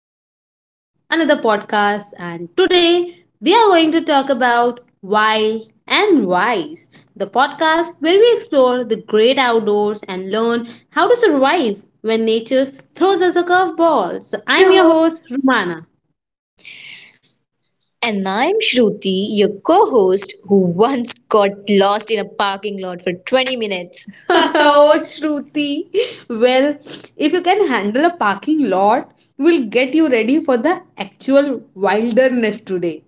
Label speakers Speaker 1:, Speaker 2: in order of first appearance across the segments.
Speaker 1: Welcome to another podcast. And today we are going to talk about Wild and Wise, the podcast where we explore the great outdoors and learn how to survive when nature throws us a curveball. So, I'm
Speaker 2: I'm
Speaker 1: your
Speaker 2: your host.
Speaker 1: host, Rumana.
Speaker 2: And I'm Shruti, your co host, who once got lost in a parking lot for 20 minutes. So,
Speaker 1: Oh, Shruti. Well, if you can handle a parking lot, we'll get you ready for the actual wilderness today.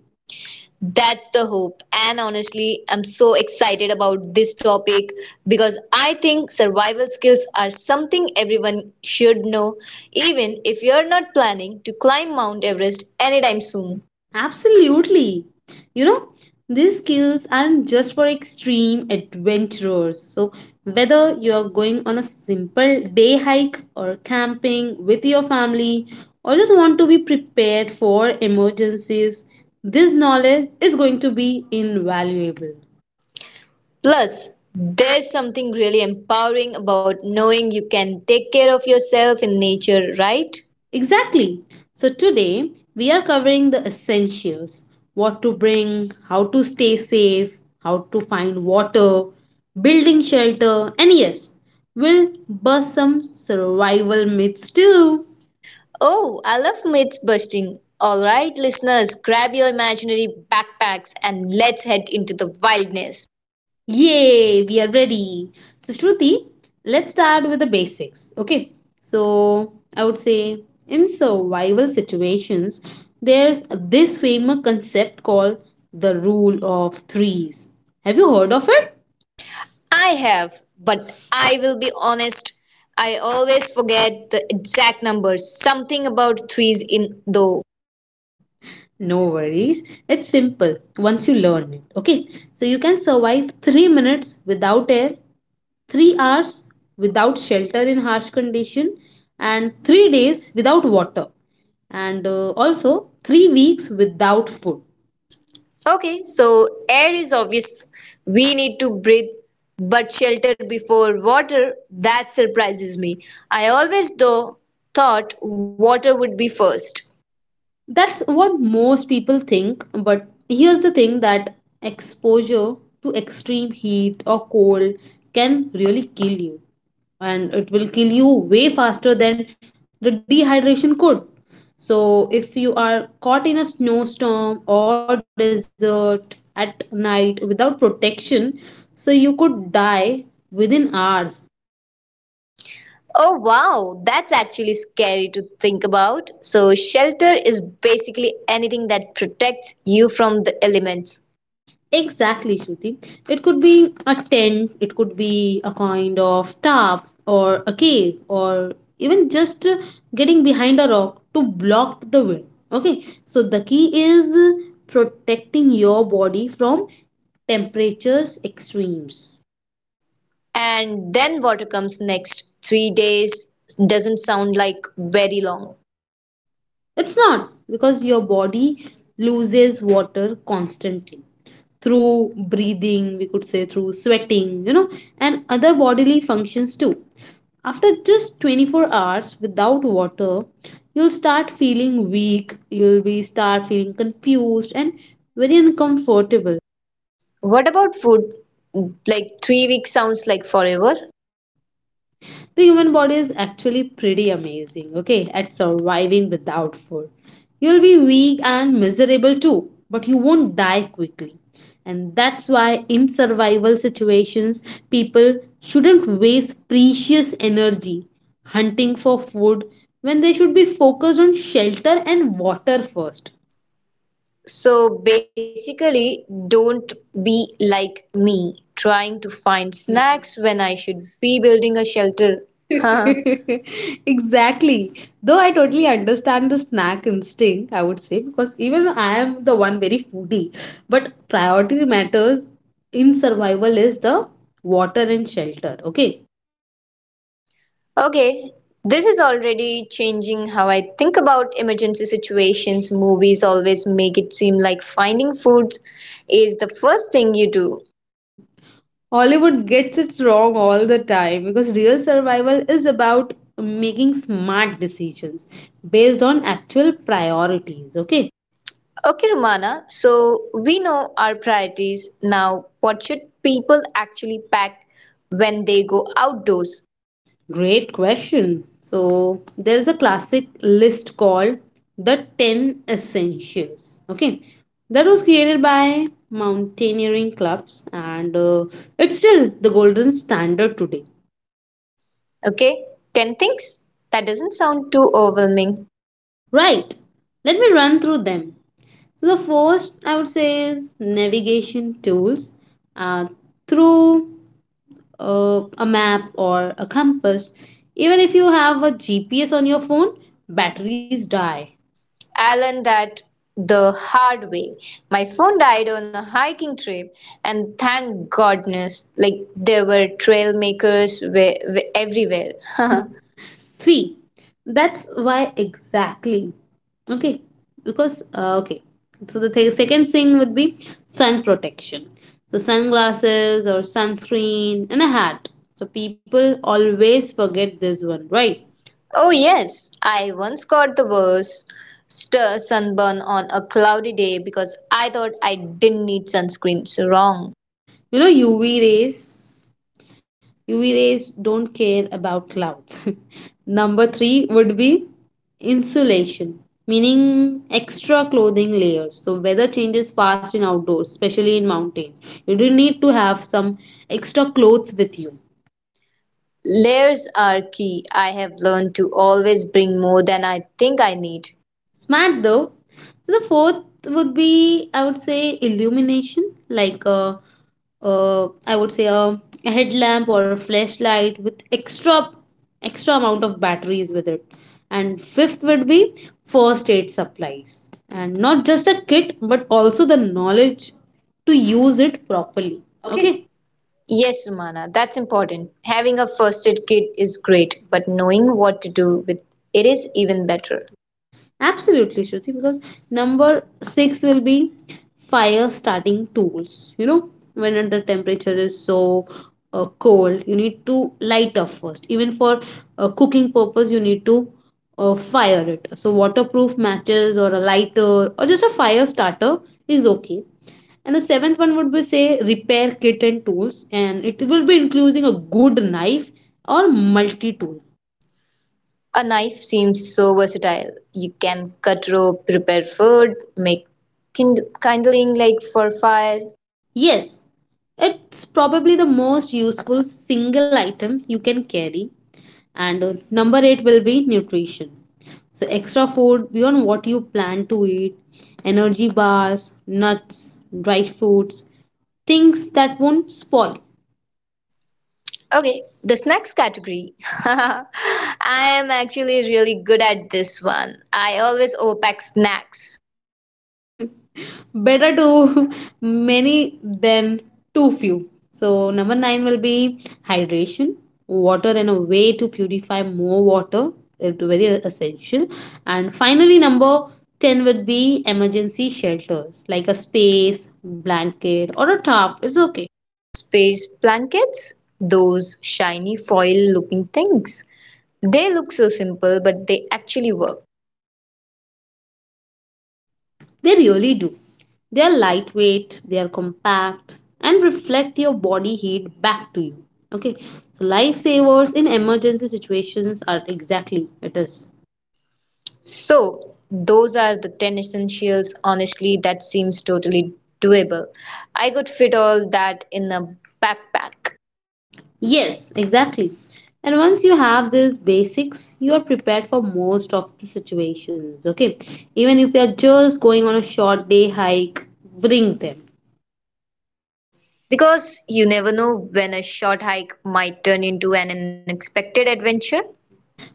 Speaker 2: That's the hope. And honestly, I'm so excited about this topic because I think survival skills are something everyone should know, even if you're not planning to climb Mount Everest anytime soon.
Speaker 1: Absolutely. You know, these skills aren't just for extreme adventurers. So, whether you're going on a simple day hike or camping with your family or just want to be prepared for emergencies, this knowledge is going to be invaluable.
Speaker 2: Plus, there's something really empowering about knowing you can take care of yourself in nature, right?
Speaker 1: Exactly. So today we are covering the essentials: what to bring, how to stay safe, how to find water, building shelter, and yes, we'll bust some survival myths too.
Speaker 2: Oh, I love myth busting. All right, listeners, grab your imaginary backpacks and let's head into the wildness.
Speaker 1: Yay, we are ready. So, Shruti, let's start with the basics. Okay, so I would say in survival situations, there's this famous concept called the rule of threes. Have you heard of it?
Speaker 2: I have, but I will be honest, I always forget the exact numbers. Something about threes in though.
Speaker 1: No worries. It's simple once you learn it. Okay. So you can survive 3 minutes without air, 3 hours without shelter in harsh condition, and 3 days without water, and also 3 weeks without food.
Speaker 2: Okay, so air is obvious. We need to breathe, but shelter before water, that surprises me. I always thought water would be first.
Speaker 1: That's what most people think, but here's the thing: that exposure to extreme heat or cold can really kill you, and it will kill you way faster than the dehydration could. So, if you are caught in a snowstorm or desert at night without protection, so you could die within hours.
Speaker 2: Oh wow, that's actually scary to think about. So, shelter is basically anything that protects you from the elements.
Speaker 1: Exactly, Shruti. It could be a tent, it could be a kind of tarp or a cave or even just getting behind a rock to block the wind. Okay, so the key is protecting your body from temperatures extremes.
Speaker 2: And then water comes next. 3 days doesn't sound like very long.
Speaker 1: It's not, because your body loses water constantly through breathing, we could say through sweating, you know, and other bodily functions too. After just 24 hours without water, you'll start feeling weak, you'll be start feeling confused and very uncomfortable.
Speaker 2: What about food? Like 3 weeks sounds like forever.
Speaker 1: The human body is actually pretty amazing, okay, at surviving without food. You'll be weak and miserable too, but you won't die quickly. And that's why, in survival situations, people shouldn't waste precious energy hunting for food when they should be focused on shelter and water first.
Speaker 2: So, basically, don't be like me trying to find snacks when I should be building a shelter.
Speaker 1: Exactly. Though I totally understand the snack instinct, I would say, because even I am the one very foodie. But priority matters in survival is the water and shelter. Okay.
Speaker 2: Okay, this is already changing how I think about emergency situations. Movies always make it seem like finding food is the first thing you do.
Speaker 1: Hollywood gets it wrong all the time because real survival is about making smart decisions based on actual priorities. Okay.
Speaker 2: Okay, Romana, so we know our priorities. Now, what should people actually pack when they go outdoors?
Speaker 1: Great question. So there is a classic list called the 10 essentials. Okay. That was created by mountaineering clubs and it's still the golden standard today.
Speaker 2: Okay, 10 things? That doesn't sound too overwhelming.
Speaker 1: Right. Let me run through them. So the first I would say is navigation tools, uh, through a map or a compass. Even if you have a GPS on your phone, batteries die.
Speaker 2: Alan, that the hard way. My phone died on a hiking trip, and thank goodness, like there were trail makers everywhere.
Speaker 1: See, that's why exactly. Okay, because okay. So the second thing would be sun protection. So sunglasses or sunscreen and a hat. So people always forget this one, right?
Speaker 2: Oh yes, I once got the worst stir sunburn on a cloudy day because I thought I didn't need sunscreen. So wrong.
Speaker 1: You know UV rays don't care about clouds. Number three would be insulation, meaning extra clothing layers. So weather changes fast in outdoors, especially in mountains. You do need to have some extra clothes with you.
Speaker 2: Layers are key. I have learned to always bring more than I think I need.
Speaker 1: Smart though. So the fourth would be, I would say, illumination, like I would say a headlamp or a flashlight with extra amount of batteries with it. And fifth would be first aid supplies, and not just a kit, but also the knowledge to use it properly.
Speaker 2: Okay,
Speaker 1: Okay.
Speaker 2: yes, Sumana, that's important. Having a first aid kit is great, but knowing what to do with it is even better.
Speaker 1: Absolutely, Shruti, because number six will be fire starting tools. You know, when the temperature is so cold, you need to light up first. Even for cooking purpose, you need to fire it. So waterproof matches or a lighter or just a fire starter is okay. And the seventh one would be say repair kit and tools, and it will be including a good knife or multi tool.
Speaker 2: A knife seems so versatile. You can cut rope, prepare food, make kindling like for fire.
Speaker 1: Yes, it's probably the most useful single item you can carry. And number eight will be nutrition. So, extra food beyond what you plan to eat, energy bars, nuts, dried fruits, things that won't spoil.
Speaker 2: Okay, the snacks category. I am actually really good at this one. I always overpack snacks.
Speaker 1: Better too many than too few. So, number nine will be hydration, water, and a way to purify more water. It's very essential. And finally, number 10 would be emergency shelters like a space, blanket, or a tarp. It's okay.
Speaker 2: Space blankets, those shiny foil looking things. They look so simple, but they actually work.
Speaker 1: They really do. They are lightweight, they are compact, and reflect your body heat back to you. Okay, so lifesavers in emergency situations are exactly it is.
Speaker 2: So, those are the 10 essentials. Honestly, that seems totally doable. I could fit all that in a backpack.
Speaker 1: Yes, exactly. And once you have these basics, you are prepared for most of the situations. Okay, even if you are just going on a short day hike, bring them.
Speaker 2: Because you never know when a short hike might turn into an unexpected adventure.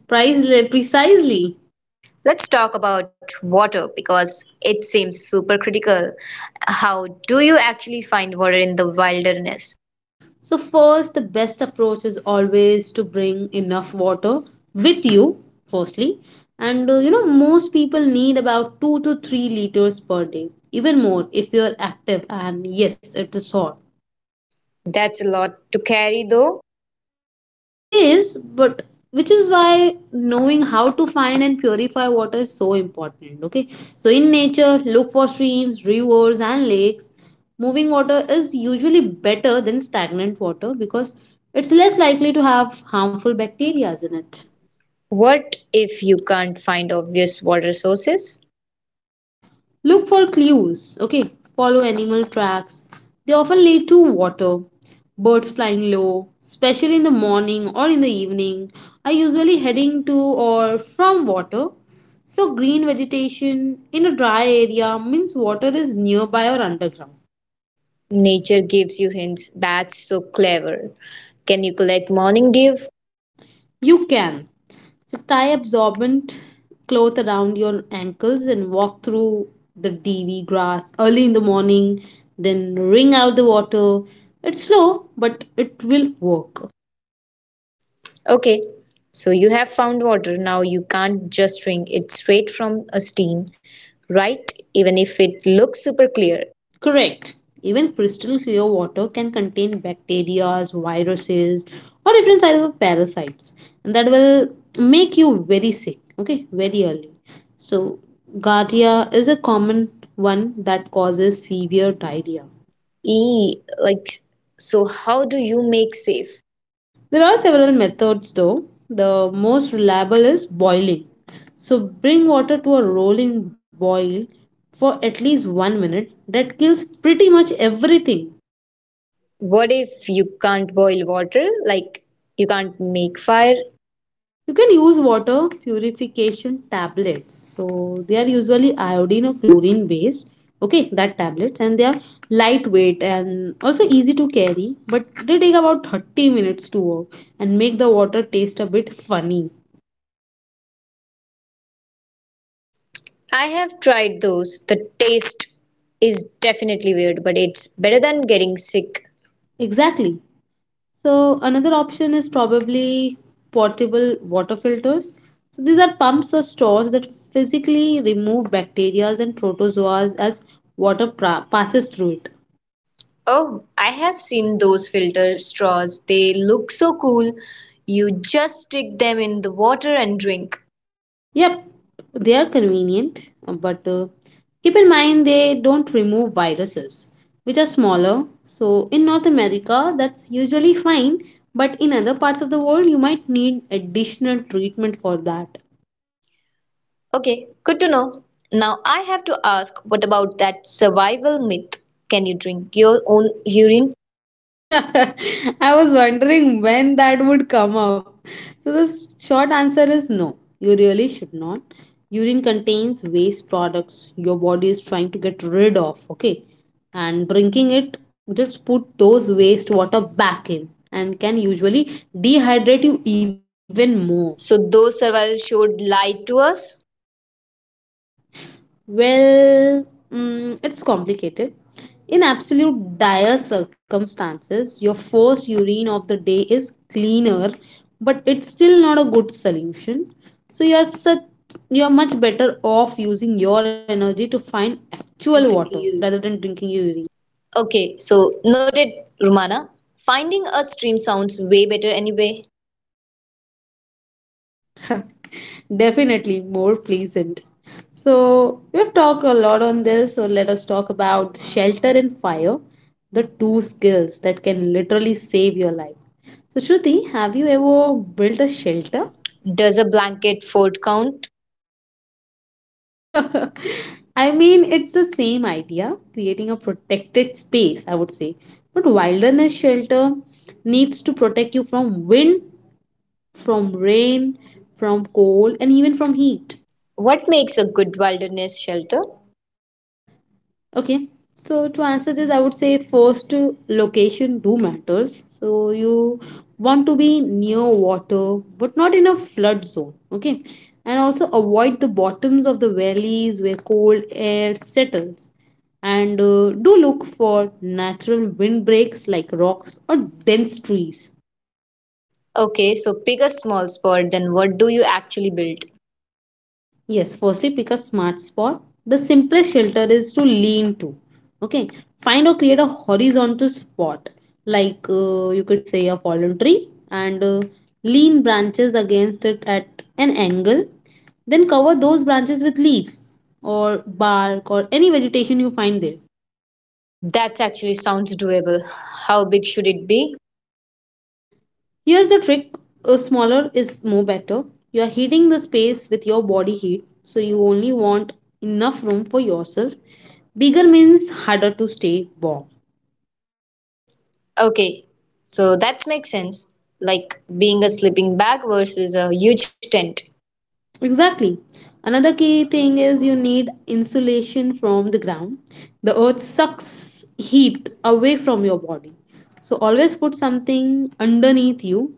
Speaker 1: Price precisely.
Speaker 2: Let's talk about water because it seems super critical. How do you actually find water in the wilderness?
Speaker 1: So first, the best approach is always to bring enough water with you. Firstly, and you know most people need about 2 to 3 liters per day, even more if you are active and yes, it is hot.
Speaker 2: That's a lot to carry though.
Speaker 1: It is, but which is why knowing how to find and purify water is so important. Okay, so in nature, look for streams, rivers, and lakes. Moving water is usually better than stagnant water because it's less likely to have harmful bacteria in it.
Speaker 2: What if you can't find obvious water sources?
Speaker 1: Look for clues, okay? Follow animal tracks. They often lead to water, birds flying low, especially in the morning or in the evening, are usually heading to or from water. So, green vegetation in a dry area means water is nearby or underground.
Speaker 2: Nature gives you hints. That's so clever. Can you collect morning dew?
Speaker 1: You can. So tie absorbent cloth around your ankles and walk through the DV grass early in the morning, then wring out the water. It's slow, but it will work.
Speaker 2: Okay, so you have found water. Now you can't just drink it straight from a stream, right? Even if it looks super clear.
Speaker 1: Correct. Even crystal clear water can contain bacteria, viruses, or different types of parasites, and that will make you very sick, okay, very early. So, giardia is a common one that causes severe diarrhea.
Speaker 2: E like so how do you make safe?
Speaker 1: There are several methods though. The most reliable is boiling. So bring water to a rolling boil for at least 1 minute. That kills pretty much everything.
Speaker 2: What if you can't boil water? Like you can't make fire?
Speaker 1: You can use water purification tablets. So they are usually iodine or chlorine based. Okay, that tablets and they are lightweight and also easy to carry, but they take about 30 minutes to work and make the water taste a bit funny.
Speaker 2: I have tried those. The taste is definitely weird, but it's better than getting sick.
Speaker 1: Exactly. So another option is probably portable water filters. So these are pumps or stores that physically remove bacteria and protozoas as water passes through it.
Speaker 2: Oh, I have seen those filter straws. They look so cool. You just stick them in the water and drink.
Speaker 1: Yep, they are convenient, but keep in mind they don't remove viruses, which are smaller. So in North America, that's usually fine, but in other parts of the world, you might need additional treatment for that.
Speaker 2: Okay, good to know. Now I have to ask what about that survival myth? Can you drink your own urine?
Speaker 1: I was wondering when that would come up. So the short answer is no. You really should not. Urine contains waste products your body is trying to get rid of, okay? And drinking it just put those waste water back in and can usually dehydrate you even more.
Speaker 2: So those survival should lie to us?
Speaker 1: Well, mm, it's complicated. In absolute dire circumstances, your first urine of the day is cleaner, but it's still not a good solution. So you're much better off using your energy to find
Speaker 2: Rather
Speaker 1: actual
Speaker 2: than
Speaker 1: water
Speaker 2: drinking urine.
Speaker 1: rather than drinking your urine.
Speaker 2: Okay, so noted, Rumana. Finding a stream sounds way better anyway.
Speaker 1: Definitely more pleasant. So, we've talked a lot on this, so let us talk about shelter and fire, the two skills that can literally save your life. So, Shruti, have you ever built a shelter?
Speaker 2: Does a blanket fort count?
Speaker 1: I mean, it's the same idea, creating a protected space, I would say. But wilderness shelter needs to protect you from wind, from rain, from cold, and even from heat.
Speaker 2: What makes a good wilderness shelter?
Speaker 1: Okay, so to answer this, I would say first location do matters. So you want to be near water, but not in a flood zone. Okay, and also avoid the bottoms of the valleys where cold air settles. And do look for natural windbreaks like rocks or dense trees.
Speaker 2: Okay, so pick a small spot, then what do you actually build?
Speaker 1: Yes, firstly, pick a smart spot. The simplest shelter is to lean to. Okay, find or create a horizontal spot, like you could say a fallen tree, and lean branches against it at an angle. Then cover those branches with leaves or bark or any vegetation you find there.
Speaker 2: That's actually sounds doable. How big should it be?
Speaker 1: Here's the trick: smaller is more better. You are heating the space with your body heat, so you only want enough room for yourself. Bigger means harder to stay warm.
Speaker 2: Okay, so that makes sense. Like being a sleeping bag versus a huge tent.
Speaker 1: Exactly. Another key thing is you need insulation from the ground. The earth sucks heat away from your body. So always put something underneath you,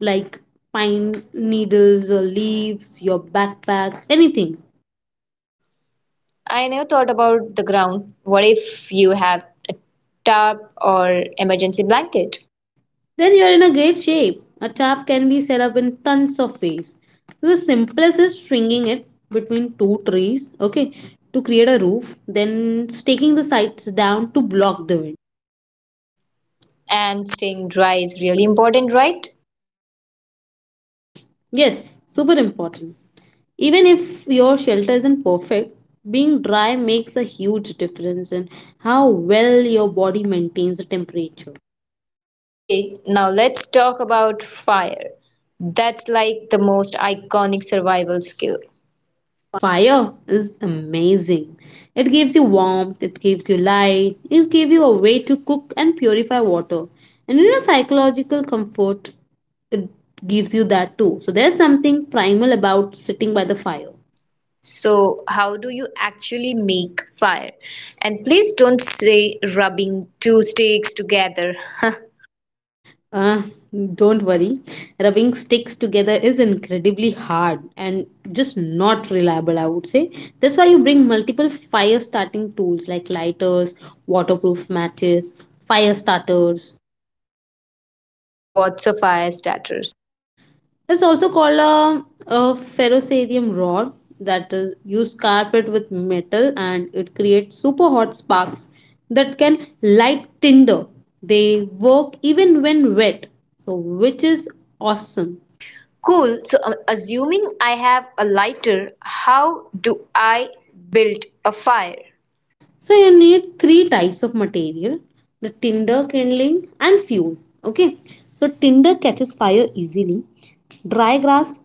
Speaker 1: like pine needles or leaves, your backpack, anything.
Speaker 2: I never thought about the ground. What if you have a tarp or emergency blanket?
Speaker 1: Then you're in a great shape. A tap can be set up in tons of ways. So the simplest is stringing it between two trees, okay, to create a roof, then staking the sides down to block the wind.
Speaker 2: And staying dry is really important, right?
Speaker 1: Yes, super important. Even if your shelter isn't perfect, being dry makes a huge difference in how well your body maintains the temperature.
Speaker 2: Okay, now let's talk about fire. That's like the most iconic survival skill.
Speaker 1: Fire is amazing. It gives you warmth, it gives you light, it gives you a way to cook and purify water. And you know, psychological comfort, it gives you that too. So there's something primal about sitting by the fire.
Speaker 2: So, how do you actually make fire? And please don't say rubbing two sticks together.
Speaker 1: Uh, don't worry, rubbing sticks together is incredibly hard and just not reliable, I would say. That's why you bring multiple fire starting tools like lighters, waterproof matches, fire starters.
Speaker 2: What's a fire starter?
Speaker 1: It's also called a ferrocerium rod that is used carpet with metal, and it creates super hot sparks that can light tinder. They work even when wet, so which is awesome.
Speaker 2: Cool. So, assuming I have a lighter, how do I build a fire?
Speaker 1: So you need three types of material: the tinder, kindling, and fuel. Okay, so tinder catches fire easily. Dry grass,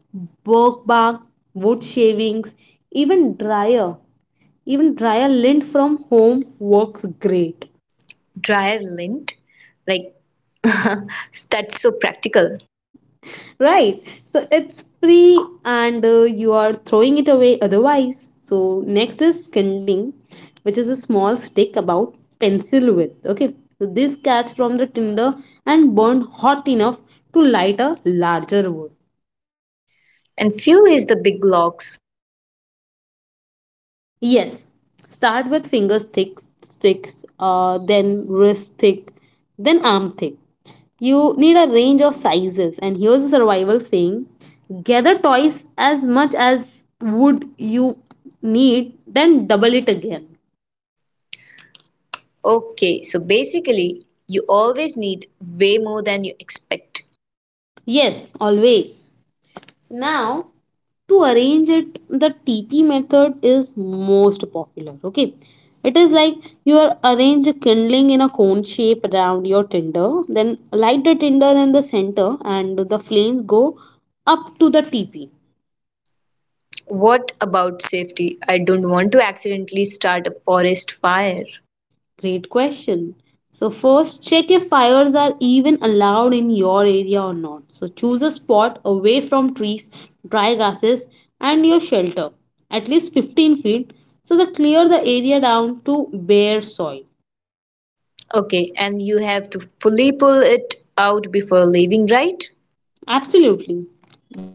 Speaker 1: bark, wood shavings, even drier, even drier lint from home works great.
Speaker 2: Dryer lint? Like, that's so practical.
Speaker 1: Right, so it's free, and you are throwing it away otherwise. So next is kindling, which is a small stick about pencil width, okay, so this catch from the tinder and burn hot enough to light a larger wood.
Speaker 2: And fuel is the big logs.
Speaker 1: Yes, start with fingers thick, sticks, then wrist thick, then arm thick. You need a range of sizes, and here's a survival saying: gather twice as much as would you need, then double it again.
Speaker 2: Okay, so basically, you always need way more than you expect.
Speaker 1: Yes, always. So now to arrange it, the TP method is most popular. Okay. It is like you are arrange a kindling in a cone shape around your tinder, then light the tinder in the center and the flames go up to the TP.
Speaker 2: What about safety? I don't want to accidentally start a forest fire.
Speaker 1: Great question. So, first check if fires are even allowed in your area or not. So, choose a spot away from trees, dry grasses, and your shelter, at least 15 feet. So, that clear the area down to bare soil.
Speaker 2: Okay, and you have to fully pull it out before leaving, right?
Speaker 1: Absolutely.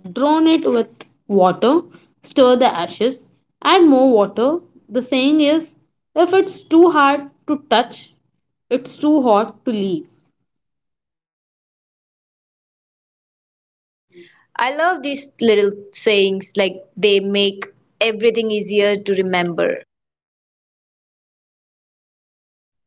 Speaker 1: Drown it with water, stir the ashes, add more water. The saying is, if it's too hard to touch, it's too hot to leave.
Speaker 2: I love these little sayings, like they make everything easier to remember.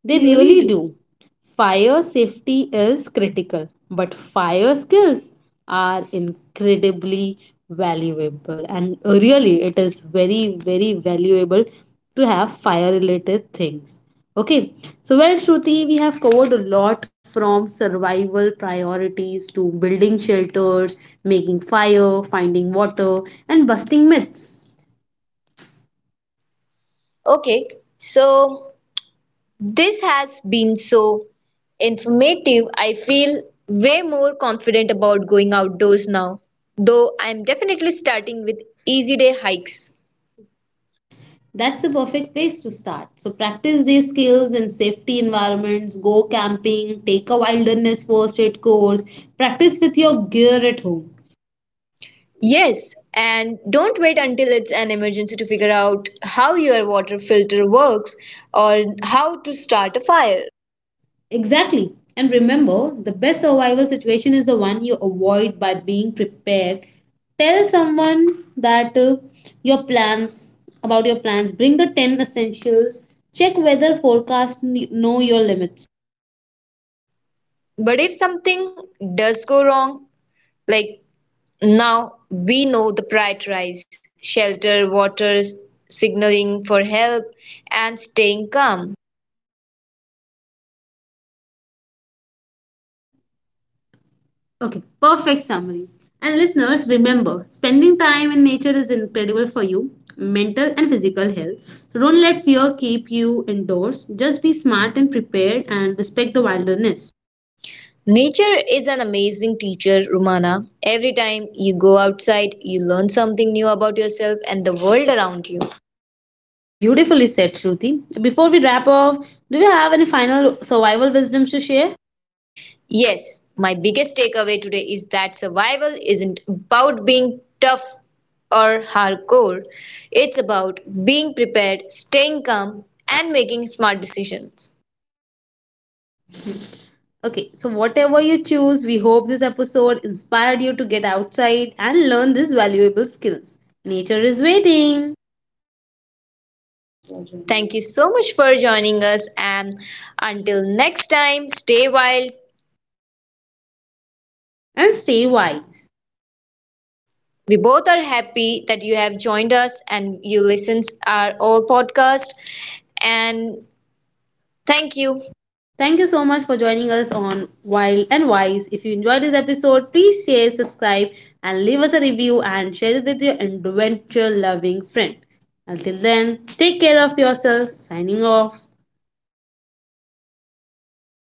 Speaker 2: They
Speaker 1: They really
Speaker 2: really?
Speaker 1: do. Fire safety is critical, but fire skills are incredibly valuable. And really, it is very, very valuable to have fire related things. Okay, so well, Shruti, we have covered a lot, from survival priorities to building shelters, making fire, finding water, and busting myths.
Speaker 2: Okay, so this has been so informative. I feel way more confident about going outdoors now, though I'm definitely starting with easy day hikes.
Speaker 1: That's the perfect place to start. So practice these skills in safety environments, go camping, take a wilderness first aid course, practice with your gear at home.
Speaker 2: Yes, and don't wait until it's an emergency to figure out how your water filter works or how to start a fire.
Speaker 1: Exactly. And remember, the best survival situation is the one you avoid by being prepared. Tell someone that your plans about your plans, bring the 10 essentials, check weather forecast, know your limits.
Speaker 2: But if something does go wrong, like now we know the prioritize shelter, water, signaling for help, and staying calm.
Speaker 1: Okay, perfect summary. And listeners, remember, spending time in nature is incredible for you, mental and physical health. So don't let fear keep you indoors. Just be smart and prepared and respect the wilderness.
Speaker 2: Nature is an amazing teacher, Rumana. Every time you go outside, you learn something new about yourself and the world around you.
Speaker 1: Beautifully said, Shruti. Before we wrap up, do you have any final survival wisdom to share?
Speaker 2: Yes, my biggest takeaway today is that survival isn't about being tough or hardcore. It's about being prepared, staying calm, and making smart decisions.
Speaker 1: Okay, so whatever you choose, we hope this episode inspired you to get outside and learn these valuable skills. Nature is waiting
Speaker 2: Thank you so much for joining us. And until next time, stay wild.
Speaker 1: and stay wise.
Speaker 2: We both are happy that you have joined us and you listen our all podcast. And thank you.
Speaker 1: Thank you so much for joining us on Wild and Wise. If you enjoyed this episode, please share, subscribe, and leave us a review, and share it with your adventure loving friend. Until then, take care of yourself. Signing off.